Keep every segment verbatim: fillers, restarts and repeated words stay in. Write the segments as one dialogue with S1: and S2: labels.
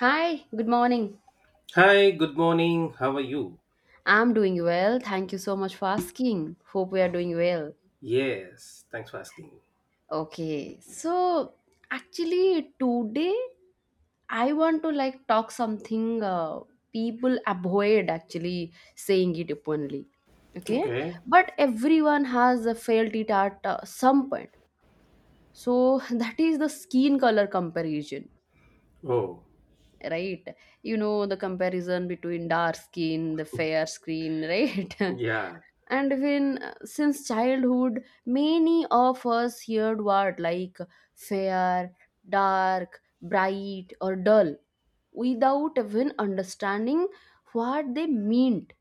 S1: Hi, good morning.
S2: Hi, good morning. How are you?
S1: I'm doing well. Thank you so much for asking. Hope we are doing well.
S2: Yes, thanks for asking.
S1: Okay, so actually, today I want to like talk something uh, people avoid actually saying it openly. Okay,
S2: Okay.
S1: but everyone has uh, felt it at uh, some point. So that is the skin color comparison,
S2: Oh,
S1: right? You know the comparison between dark skin, the fair skin, right?
S2: yeah,
S1: and when uh, since childhood many of us heard word like fair, dark, bright or dull, without even understanding what they meant,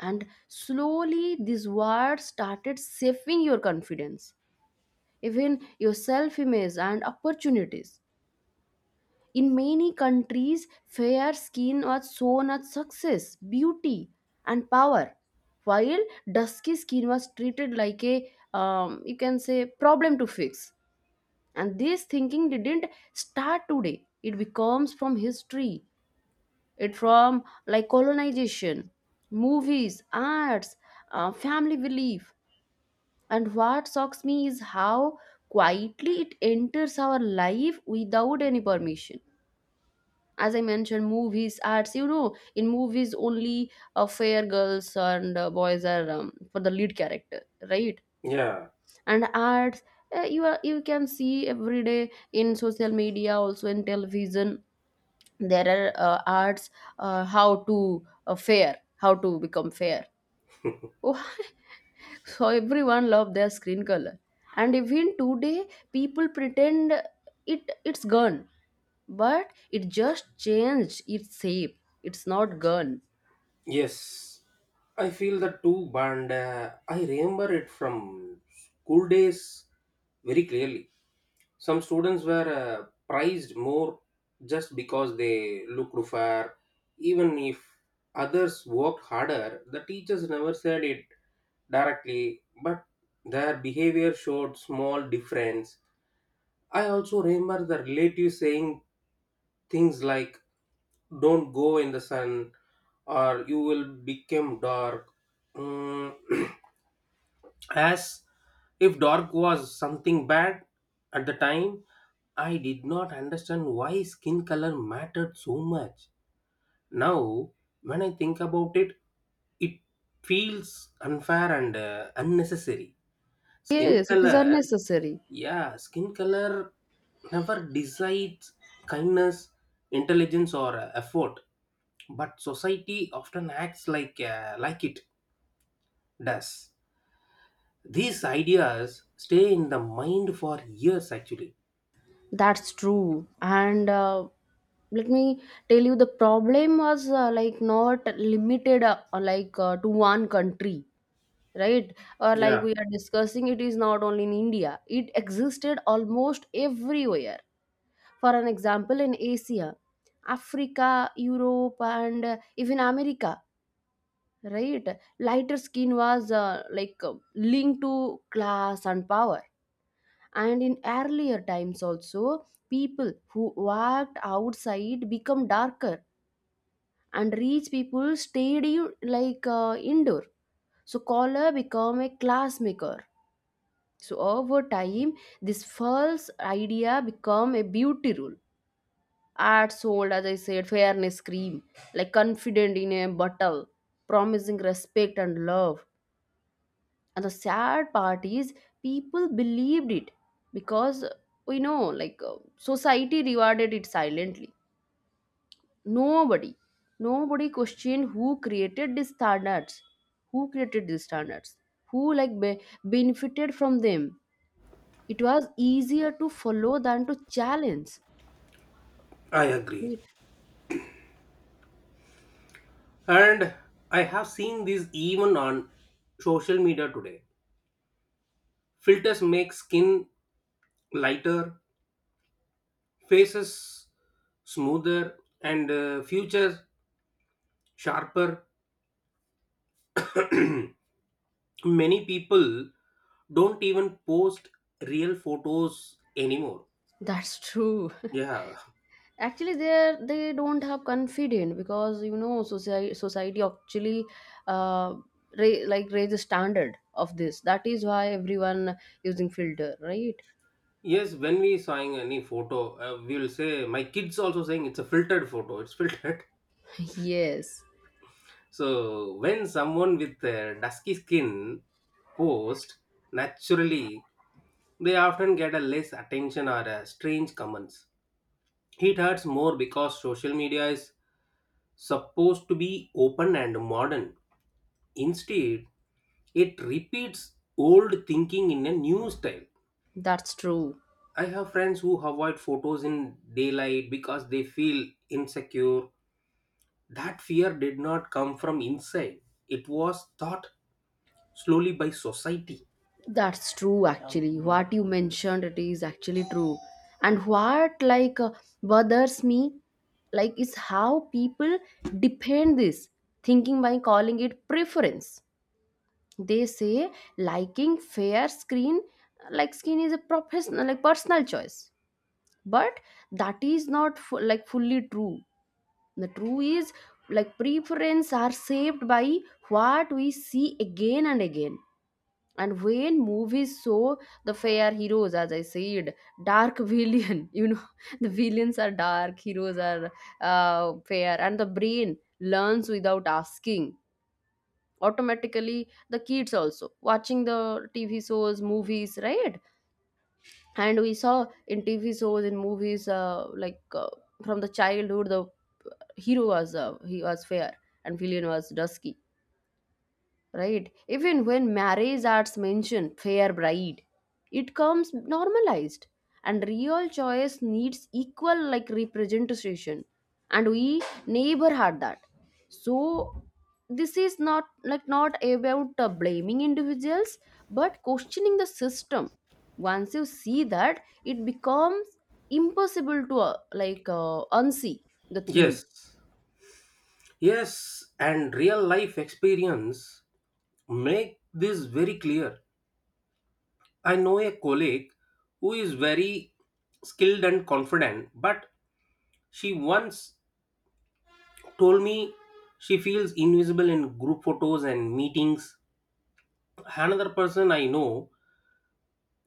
S1: and slowly these words started shaping your confidence, even your self image and opportunities. In many countries, fair skin was shown as success, beauty, and power, while dusky skin was treated like a, um, you can say, problem to fix. And this thinking didn't start today. It becomes from history, it from like colonization, movies, arts, uh, family belief. And what shocks me is how quietly it enters our life without any permission. As I mentioned, movies, arts, you know in movies only uh, fair girls and uh, boys are um, for the lead character, right?
S2: yeah,
S1: And arts, uh, you are you can see every day in social media, also in television, there are uh, arts, uh, how to uh, fair how to become fair. So everyone love their screen color. And even today people pretend it it's gone, but it just changed its shape. It's not gone.
S2: yes. I feel that too, and uh, I remember it from school days very clearly. Some students were uh, prized more just because they looked fair. Even if others worked harder, the teachers never said it directly, but their behavior showed small difference. I also remember the relatives saying things like, don't go in the sun, or you will become dark. Mm, as if dark was something bad. At the time I did not understand why skin color mattered so much. Now when I think about it, it feels unfair and uh, unnecessary. skin
S1: Yes, it is
S2: color
S1: unnecessary.
S2: yeah skin color never decides kindness, intelligence or uh, effort, but society often acts like uh, like it does. These ideas stay in the mind for years actually.
S1: That's true. And uh, let me tell you the problem was uh, like not limited uh, like uh, to one country, right? Or like
S2: Yeah,
S1: we are discussing, it is not only in India, it existed almost everywhere. For an example, in Asia, Africa, Europe, and uh, even America, right? Lighter skin was uh, like uh, linked to class and power. And in earlier times, also, people who worked outside become darker, and rich people stayed in- like uh, indoor. So color become a class maker. So over time, this false idea become a beauty rule. Ads sold, as I said, fairness cream, like confident in a bottle, promising respect and love. And the sad part is, people believed it because we know, like, uh, society rewarded it silently. Nobody, nobody questioned who created these standards, who created these standards, who like be- benefited from them. It was easier to follow than to challenge.
S2: I agree.
S1: It
S2: And I have seen this even on social media today. Filters make skin lighter, faces smoother, and uh, futures sharper. Many people don't even post real photos anymore.
S1: That's true.
S2: Yeah.
S1: Actually, they are they don't have confidence because you know society society actually uh ra- like raise a standard of this, that is why everyone using filter, right?
S2: Yes, when we saw any photo, uh, we will say, my kids also saying it's a filtered photo, it's filtered.
S1: Yes.
S2: So when someone with a dusky skin posts naturally, they often get a less attention or a strange comments. It hurts more because social media is supposed to be open and modern. Instead, it repeats old thinking in a new style.
S1: That's true.
S2: I have friends who avoid photos in daylight because they feel insecure. That fear did not come from inside. It was taught slowly by society.
S1: That's true, actually. What you mentioned, it is actually true. And what like uh, bothers me like is how people defend this thinking by calling it preference. They say liking fair screen like skin is a professional like personal choice, but that is not fu- like fully true. The true is like preference are shaped by what we see again and again. And when movies show the fair heroes, as I said, dark villain. You know the villains are dark, heroes are uh, fair, and the brain learns without asking. Automatically the kids also watching the T V shows, movies, right? And we saw in T V shows, in movies uh, like uh, from the childhood, the hero was uh, he was fair and villain was dusky, right? Even when marriage arts mention fair bride, it comes normalized. And real choice needs equal like representation, and we never had that. So this is not like not about uh, blaming individuals but questioning the system. Once you see that, it becomes impossible to uh, like uh, unsee the thing.
S2: Yes, yes, and real life experience make this very clear. I know a colleague who is very skilled and confident, but she once told me she feels invisible in group photos and meetings. Another person I know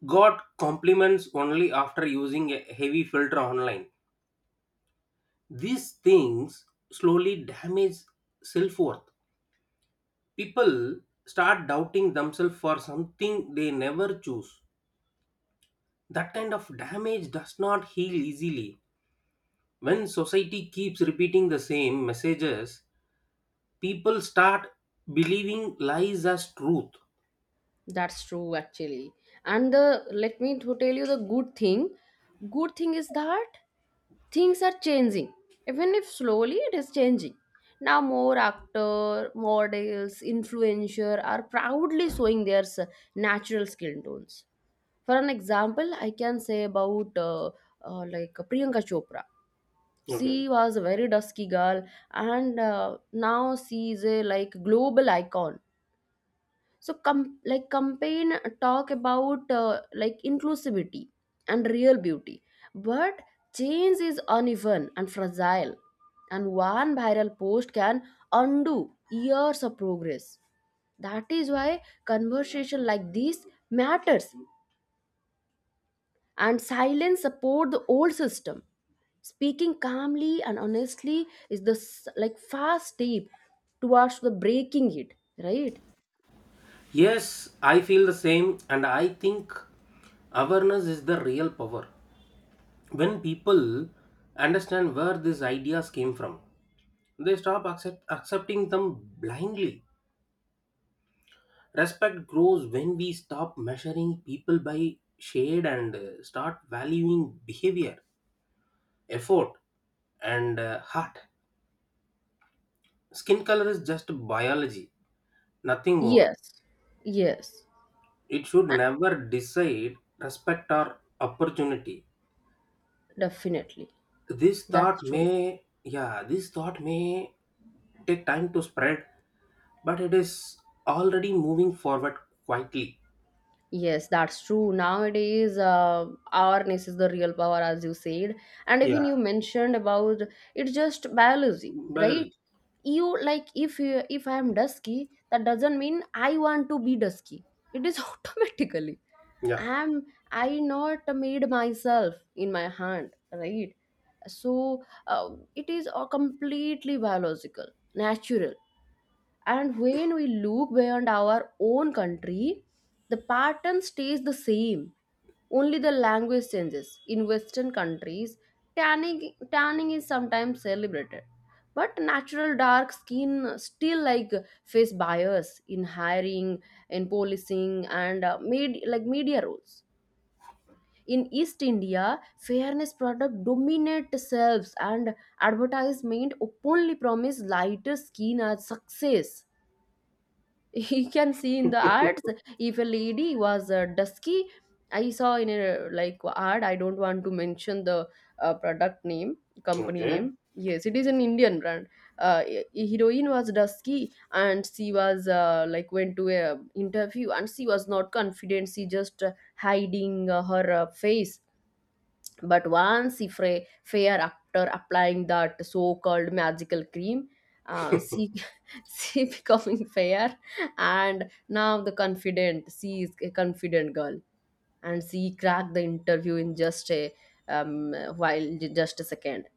S2: got compliments only after using a heavy filter online. These things slowly damage self worth. People start doubting themselves for something they never choose. That kind of damage does not heal easily. When society keeps repeating the same messages, people start believing lies as truth.
S1: That's true, actually. And the let me to tell you the good thing. Good thing is that things are changing, even if slowly it is changing. Now more actor, models, influencer are proudly showing their s- natural skin tones. For an example, I can say about uh, uh, like Priyanka Chopra.
S2: Okay.
S1: She was a very dusky girl, and uh, now she is a like global icon. So com like campaign talk about uh, like inclusivity and real beauty. But change is uneven and fragile, and one viral post can undo years of progress. That is why conversation like this matters, and silence support the old system. Speaking calmly and honestly is the s- like fast step towards the breaking it, right?
S2: Yes, I feel the same, and I think awareness is the real power. When people understand where these ideas came from, they stop accept, accepting them blindly. Respect grows when we stop measuring people by shade and uh, start valuing behavior, effort, and uh, heart. Skin color is just biology, nothing more.
S1: Yes. Yes.
S2: It should never decide respect or opportunity.
S1: Definitely.
S2: This thought
S1: That's true.
S2: may, yeah, this thought may take time to spread, but it is already moving forward quietly.
S1: Yes, that's true. Nowadays, uh, awareness is the real power, as you said. And
S2: Yeah,
S1: even you mentioned about it's just biology, right?
S2: biology.
S1: You like if you, If I am dusky, that doesn't mean I want to be dusky. It is automatically.
S2: Yeah.
S1: I'm I not made myself in my hand, right? So uh, it is a completely biological, natural. And when we look beyond our own country, the pattern stays the same, only the language changes. In western countries, tanning tanning is sometimes celebrated, but natural dark skin still like face bias in hiring, in policing, and uh, med- like media roles. In East India, fairness product dominate selves, and advertisement openly promise lighter skin as success. He can see in the ads. If a lady was uh, dusky, I saw in a like ad, I don't want to mention the uh, product name, company name. Yes, it is an Indian brand. Uh, a- a heroine was dusky, and she was uh, like went to a interview, and she was not confident. She just uh, hiding uh, her uh, face. But once if a fair after applying that so-called magical cream, uh, she she becoming fair, and now the confident. She is a confident girl, and she cracked the interview in just a um, while just a second,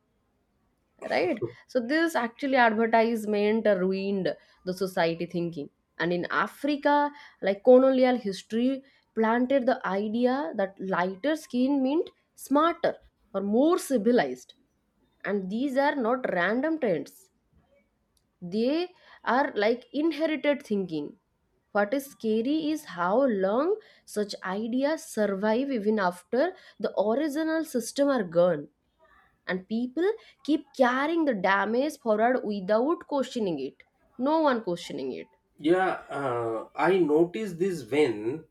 S1: right? So this actually advertisement ruined the society thinking. And in Africa, like colonial history planted the idea that lighter skin meant smarter or more civilized. And these are not random trends, they are like inherited thinking. What is scary is how long such ideas survive even after the original system are gone, and people keep carrying the damage forward without questioning it, no one questioning it.
S2: Yeah, uh, I noticed this when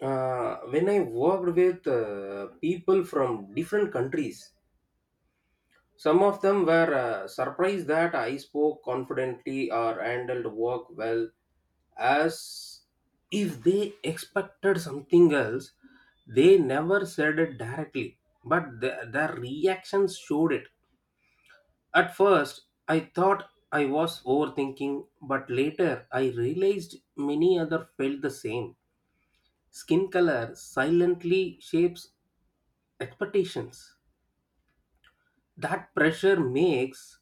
S2: uh, when I worked with uh, people from different countries, some of them were uh, surprised that I spoke confidently or handled work well, as if they expected something else. They never said it directly, but the, their reactions showed it. At first, I thought I was overthinking, but later I realized many others felt the same. Skin color silently shapes expectations. That pressure makes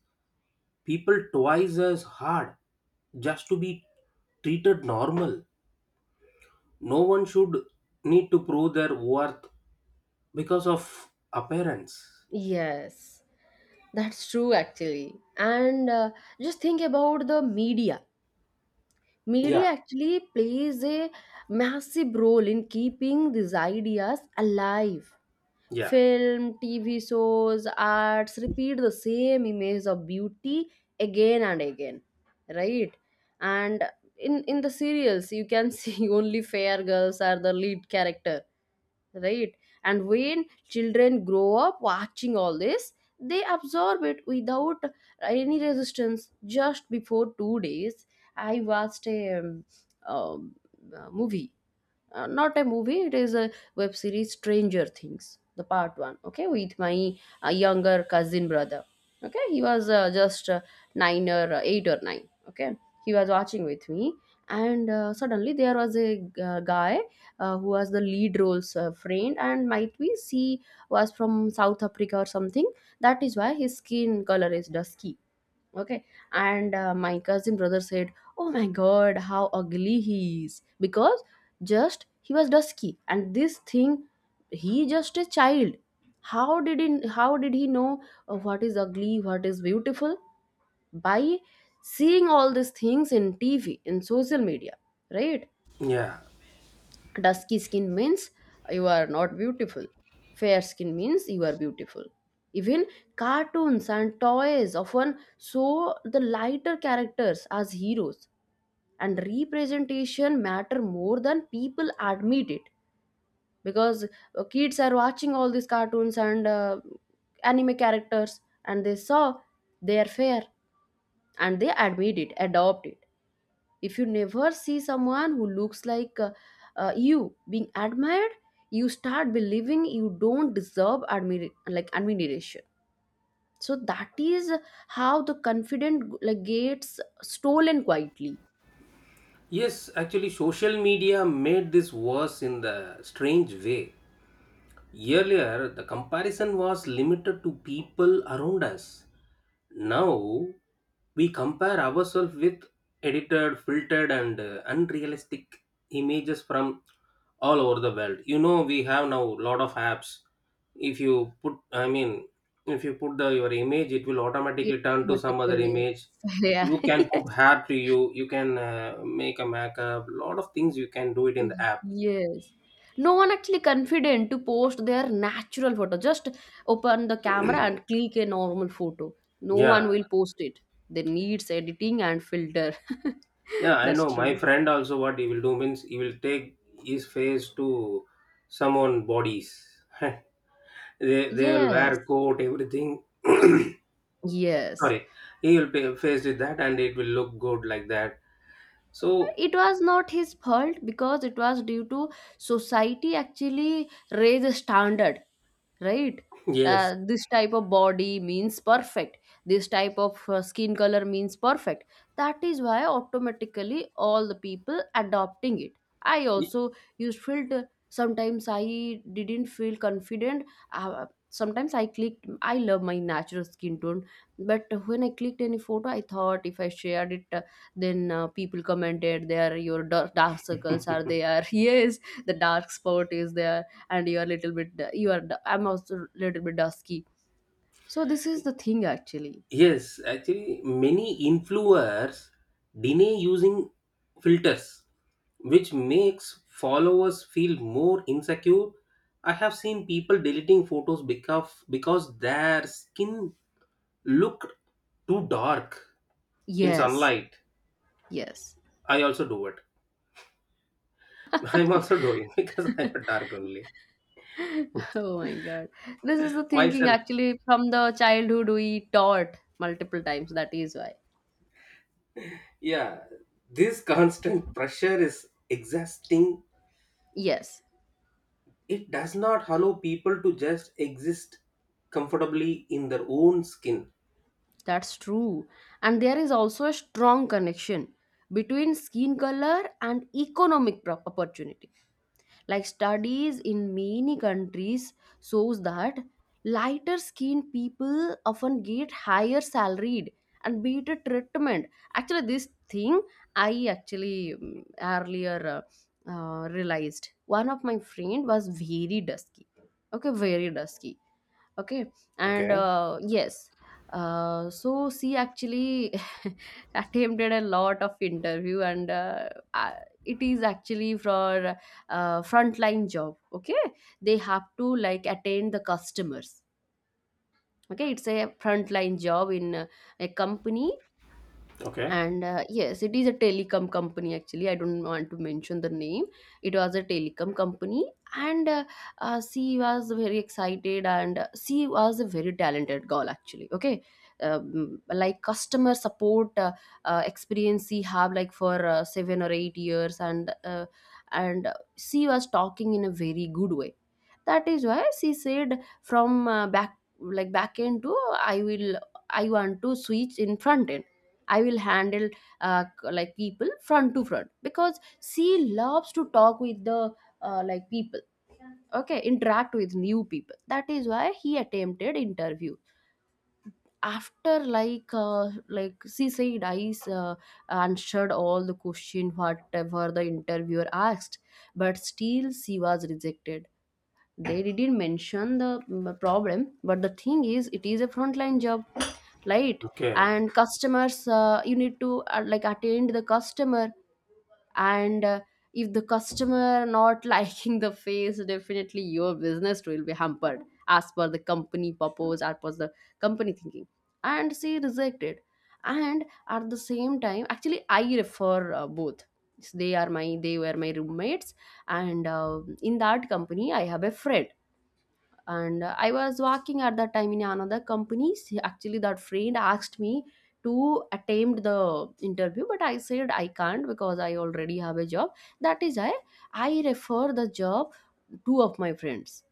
S2: people twice as hard just to be treated normal. No one should need to prove their worth because of appearance.
S1: Yes, that's true, actually. And uh, just think about the media
S2: Yeah,
S1: media actually plays a massive role in keeping these ideas alive.
S2: yeah,
S1: Film, T V shows, arts repeat the same image of beauty again and again, right? And in in the serials, you can see only fair girls are the lead character, right? And when children grow up watching all this, they absorb it without any resistance. Just before two days, I watched a um, um, uh, movie, uh, not a movie, it is a web series, Stranger Things the part one, okay, with my uh, younger cousin brother. Okay, he was uh, just uh, nine or uh, eight or nine. Okay, he was watching with me. And uh, suddenly there was a g- uh, guy, uh, who was the lead roles uh, friend, and might be she was from South Africa or something, that is why his skin color is dusky. Okay. And uh, my cousin brother said, "Oh my god, how ugly he is," because just he was dusky and this thing. He just a child, how did he how did he know uh, what is ugly, what is beautiful, by seeing all these things in T V, in social media, right?
S2: yeah.
S1: Dusky skin means you are not beautiful, fair skin means you are beautiful. Even cartoons and toys often show the lighter characters as heroes, and representation matter more than people admit it, because uh, kids are watching all these cartoons and uh, anime characters, and they saw they are fair, and they admit it adopt it. If you never see someone who looks like uh, uh, you being admired, you start believing you don't deserve admir- like admiration. So that is how the confident like gets stolen quietly.
S2: Yes, actually, social media made this worse in the strange way. Earlier, the comparison was limited to people around us. Now we compare ourselves with edited, filtered, and uh, unrealistic images from all over the world. You know, we have now a lot of apps. If you put, I mean, if you put the your image, it will
S1: Yeah,
S2: automatically turn to some other
S1: particularly.
S2: image.
S1: Yeah.
S2: You can
S1: Yes.
S2: put hair to you. You can uh, make a makeup. Lot of things you can do it in the app.
S1: Yes. No one actually confident to post their natural photo. Just open the camera and click a normal photo. No
S2: Yeah,
S1: one will post it. They needs editing and filter.
S2: yeah, I
S1: That's
S2: know. My
S1: true.
S2: friend also, what he will do means he will take his face to someone bodies. And they they will
S1: Yes.
S2: wear coat everything.
S1: Yes.
S2: Sorry, he will be faced with that and it will look good like that. So
S1: It was not his fault because it was due to society actually raise a standard, right?
S2: yes.
S1: Uh, this type of body means perfect, this type of uh, skin color means perfect, that is why automatically all the people adopting it. I
S2: Y-
S1: also used filter, sometimes I didn't feel confident. Uh, sometimes I clicked, I love my natural skin tone, but when I clicked any photo I thought if I shared it then uh, people commented, "There, your dark, dark circles are there. Yes, the dark spot is there, and you are little bit. You are. i I'm also little bit dusky." So this is the thing, actually.
S2: yes actually many influencers deny using filters, which makes followers feel more insecure. I have seen people deleting photos because because their skin looked too dark in
S1: Yes,
S2: sunlight.
S1: yes.
S2: I also do it. I'm also doing because I'm dark only,
S1: Oh my god, this is the thinking
S2: myself.
S1: actually from the childhood we taught multiple times. That is why.
S2: Yeah, this constant pressure is exhausting.
S1: Yes,
S2: It does not allow people to just exist comfortably in their own skin.
S1: that's true. And there is also a strong connection between skin color and economic pro- opportunity, like studies in many countries shows that lighter skinned people often get higher salaried and better treatment. Actually, this thing I actually mm, earlier uh, uh, realized one of my friend was very dusky. Okay, very dusky. Okay. And
S2: Okay,
S1: uh, yes, uh, so she actually attempted a lot of interview. And uh, uh, it is actually for uh, frontline job. Okay, they have to like attend the customers. Okay, it's a frontline job in uh, a company.
S2: okay,
S1: And uh, yes, it is a telecom company. Actually, I don't want to mention the name. It was a telecom company. And uh, uh, she was very excited. And uh, she was a very talented girl, actually. Okay. Um, like customer support uh, uh, experience she have like for uh, seven or eight years. And uh, and uh, she was talking in a very good way. That is why she said from uh, back like back end to i will I want to switch in front end. I will handle uh, like people front to front, because she loves to talk with the uh, like people. Okay, interact with new people. That is why he attempted interview after like uh, like she said I uh, answered all the question whatever the interviewer asked, but still she was rejected. They didn't mention the mm, problem, but the thing is it is a frontline job, right?
S2: okay,
S1: And customers, uh, you need to uh, like attend the customer. And uh, if the customer not liking the face, definitely your business will be hampered, as per the company purpose, as per the company thinking. And she rejected. And at the same time, actually I refer uh, both. They are my they were my roommates. And uh, in that company I have a friend. And uh, I was working at that time in another company. She- actually, that friend asked me to attempt the interview, but I said I can't because I already have a job. That is why I refer the job two of my friends.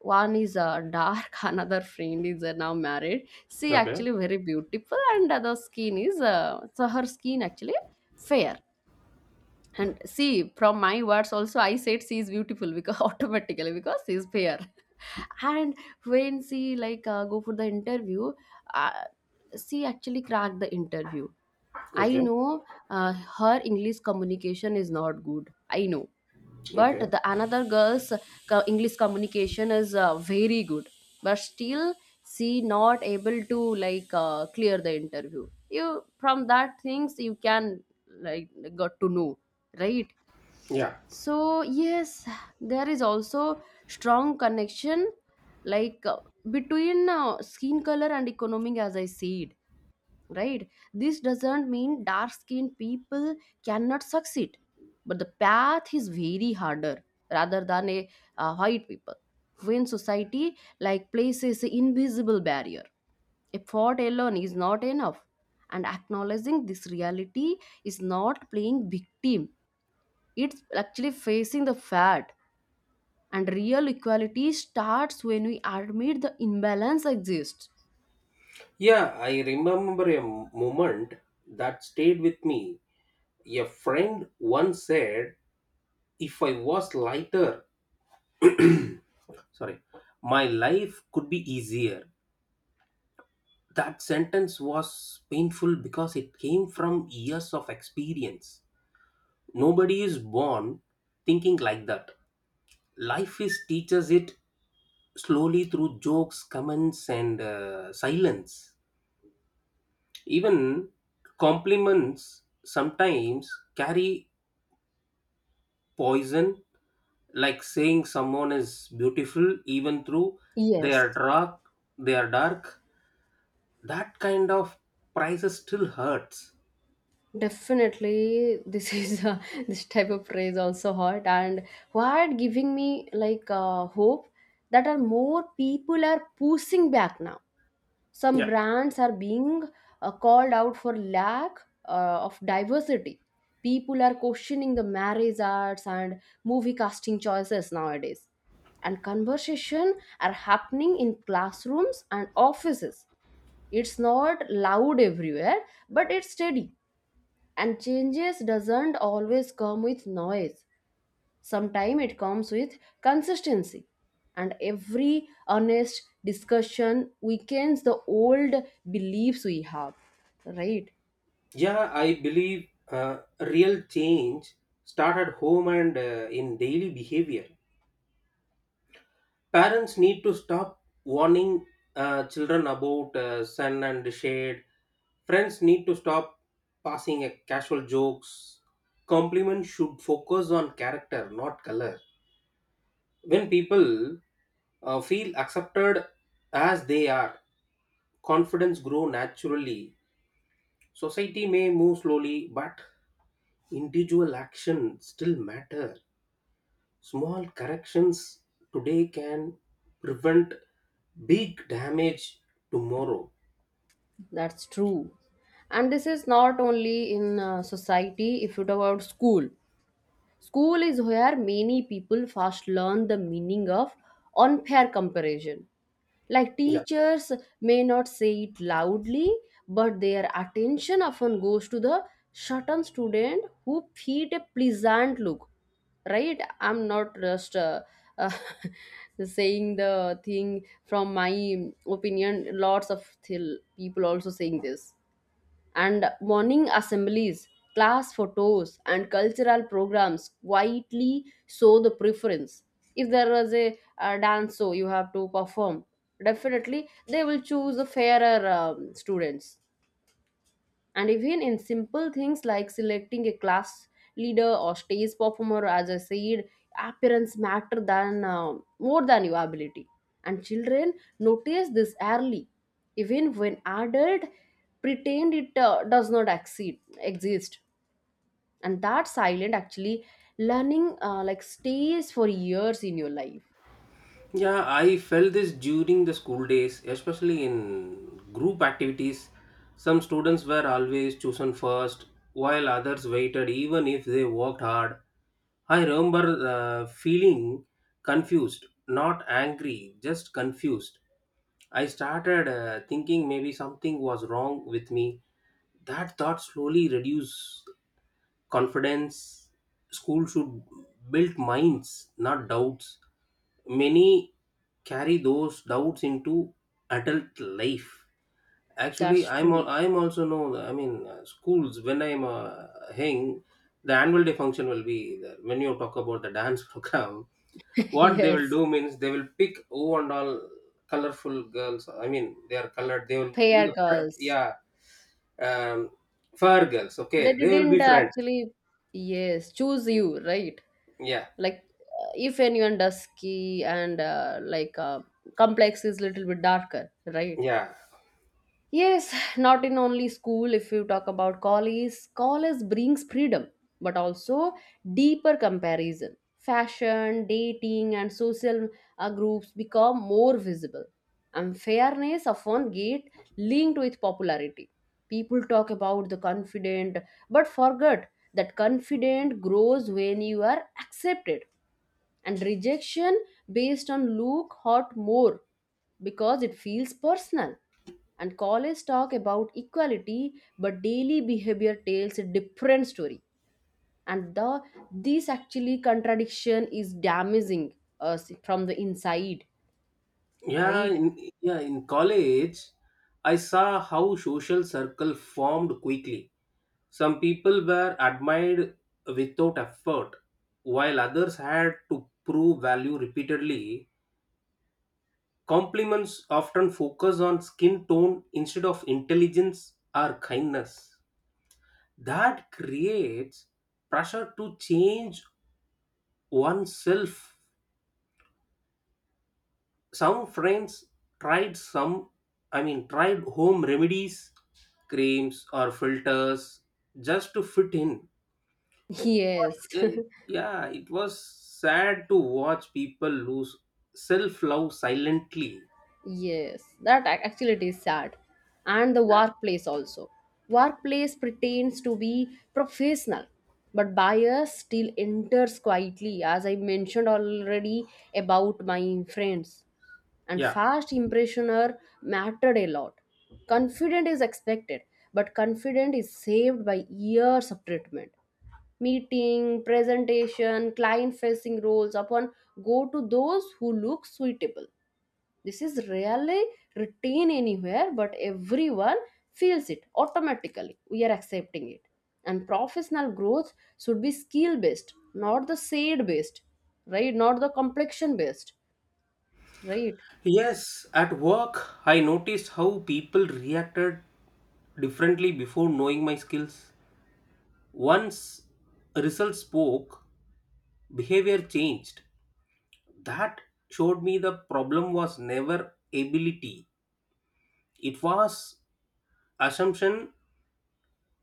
S1: One is uh, dark. Another friend is uh, now married. She actually very beautiful, and uh, the skin is uh, so her skin actually fair. And see, from my words also, I said she is beautiful because automatically because she is fair. And when she like uh, go for the interview, uh, she actually cracked the interview. I
S2: okay,
S1: know, uh, her English communication is not good. I know, but
S2: okay.
S1: the another girl's co- English communication is uh, very good, but still she not able to like uh, clear the interview. You, from that things you can like got to know, right?
S2: Yeah.
S1: So yes, there is also strong connection like uh, between uh, skin color and economic, as I said, right? This doesn't mean dark skinned people cannot succeed, but the path is very harder rather than a uh, white people. When society like places an invisible barrier, effort alone is not enough. And acknowledging this reality is not playing victim, it's actually facing the fact. And real equality starts when we admit the imbalance exists.
S2: Yeah, I remember a moment that stayed with me. A friend once said, if I was lighter, sorry, my life could be easier. That sentence was painful because it came from years of experience. Nobody is born thinking like that. Life is teaches it slowly through jokes, comments, and uh, silence. Even compliments sometimes carry poison, like saying someone is beautiful even through they are
S1: Yes,
S2: dark. They are dark. That kind of prices still hurts.
S1: definitely, this is uh, this type of praise also hot and what giving me like uh, hope that are more people are pushing back now. Some
S2: Yeah,
S1: brands are being uh, called out for lack uh, of diversity. People are questioning the marriage arts and movie casting choices nowadays, and conversation are happening in classrooms and offices. It's not loud everywhere, but it's steady, and changes doesn't always come with noise, sometimes it comes with consistency. And every honest discussion weakens the old beliefs we have, right?
S2: yeah. I believe uh, real change start at home and uh, in daily behavior. Parents need to stop warning uh, children about uh, sun and shade. Friends need to stop passing a casual jokes. Compliments should focus on character, not color. When people uh, feel accepted as they are, confidence grow naturally. Society may move slowly, but individual action still matter. Small corrections today can prevent big damage tomorrow.
S1: That's true. And this is not only in uh, society. If you talk about school, school is where many people first learn the meaning of unfair comparison. Like
S2: Yeah,
S1: teachers may not say it loudly, but their attention often goes to the certain student who feed a pleasant look. Right? I'm not just uh, uh, saying the thing from my opinion. Lots of th- people also saying this. And morning assemblies, class photos, and cultural programs quietly show the preference. If there was a, uh dance show you have to perform, definitely they will choose the fairer um, students. And even in simple things like selecting a class leader or stage performer, as I said, appearance matter than uh, more than your ability. And children notice this early, even when adult pretend it uh, does not exceed, exist. And that silent actually learning uh, like stays for years in your life.
S2: yeah, I felt this during the school days, especially in group activities. Some students were always chosen first, while others waited, even if they worked hard. I remember uh, feeling confused, not angry, just confused. I started uh, thinking maybe something was wrong with me. That thought slowly reduced confidence. School should build minds, not doubts. Many carry those doubts into adult life. Actually
S1: That's
S2: I'm al-
S1: true.
S2: I'm also know I mean uh, schools when i'm uh, hang, the annual day function will be there. When you talk about the dance program, what they will
S1: Yes,
S2: do means they will pick who and all colorful girls. I mean they are colored, they will in
S1: pair
S2: the,
S1: girls.
S2: yeah, um, fur girls, okay,
S1: They
S2: they will
S1: didn't
S2: be
S1: uh,
S2: friends.
S1: actually yes choose you, right?
S2: Yeah,
S1: Like uh, if anyone dusky and uh, like uh, complex is little bit darker, right?
S2: yeah.
S1: Yes, not in only school. If you talk about college, college brings freedom, but also deeper comparison. Fashion, dating, and social uh, groups become more visible. Unfairness often get linked with popularity. People talk about the confident, but forget that confident grows when you are accepted, and rejection based on look hot more because it feels personal. And college talk about equality, but daily behavior tells a different story. And the this actually contradiction is damaging us from the inside,
S2: Yeah,
S1: right?
S2: in, yeah, in college, I saw how social circle formed quickly. Some people were admired without effort, while others had to prove value repeatedly. Compliments often focus on skin tone instead of intelligence or kindness. That creates pressure to change oneself. Some friends tried some i mean tried home remedies, creams or filters, just to fit in.
S1: Yes.
S2: was- eh, yeah, it was sad to watch people lose self love silently.
S1: Yes, that ac- actually it is sad. And the
S2: Yeah,
S1: workplace also. Workplace pretends to be professional, but bias still enters quietly, as I mentioned already about my friends. And
S2: yeah.
S1: fast impressioner mattered a lot. Confident is expected, but confident is saved by years of treatment. Meeting, presentation, client facing roles upon go to those who look suitable. This is rarely routine anywhere, but everyone feels it automatically. We are accepting it. And professional growth should be skill based, not the shade based, right? Not the complexion based, right?
S2: Yes, at work I noticed how people reacted differently before knowing my skills. Once results spoke, behavior changed. That showed me the problem was never ability. It was assumption.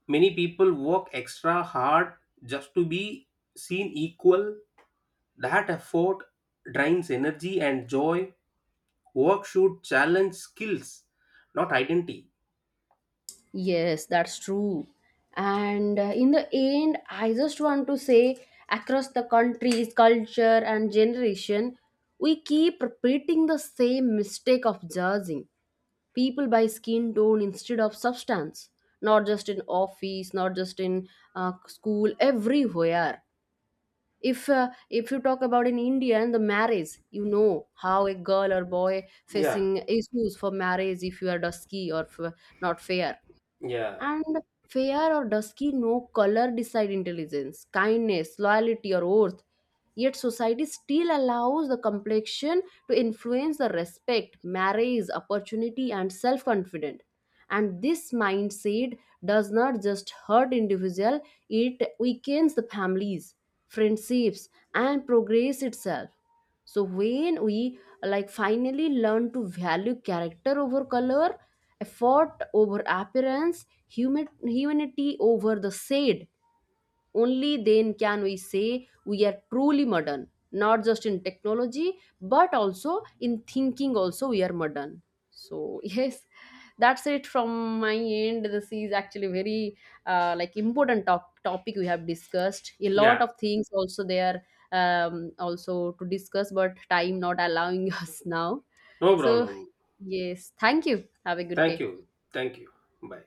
S2: Many people work extra hard just to be seen equal. That effort drains energy and joy. Work should challenge skills, not identity.
S1: Yes, that's true. And uh, in the end, I just want to say, across the countries, culture, and generation, we keep repeating the same mistake of judging people buy skin tone instead of substance. Not just in office, not just in uh, school, everywhere. If uh, if you talk about in India and the marriage, you know how a girl or boy
S2: Yeah,
S1: facing issues for marriage if you are dusky or f- not fair.
S2: yeah,
S1: And fair or dusky, no color decide intelligence, kindness, loyalty, or worth. Yet society still allows the complexion to influence the respect, marriage, opportunity, and self confidence. And this mindset does not just hurt individual, it weakens the families, friendships, and progress itself. So when we like finally learn to value character over color, effort over appearance, Human, humanity over the said. Only then can we say we are truly modern, not just in technology, but also in thinking, also we are modern. So, yes, that's it from my end. This is actually very uh, like important top- topic we have discussed. A lot
S2: yeah.
S1: of things also there, um, also to discuss, but time not allowing us now.
S2: No
S1: So,
S2: problem.
S1: yes, thank you. Have a good
S2: Thank
S1: day.
S2: you. Thank you. Bye.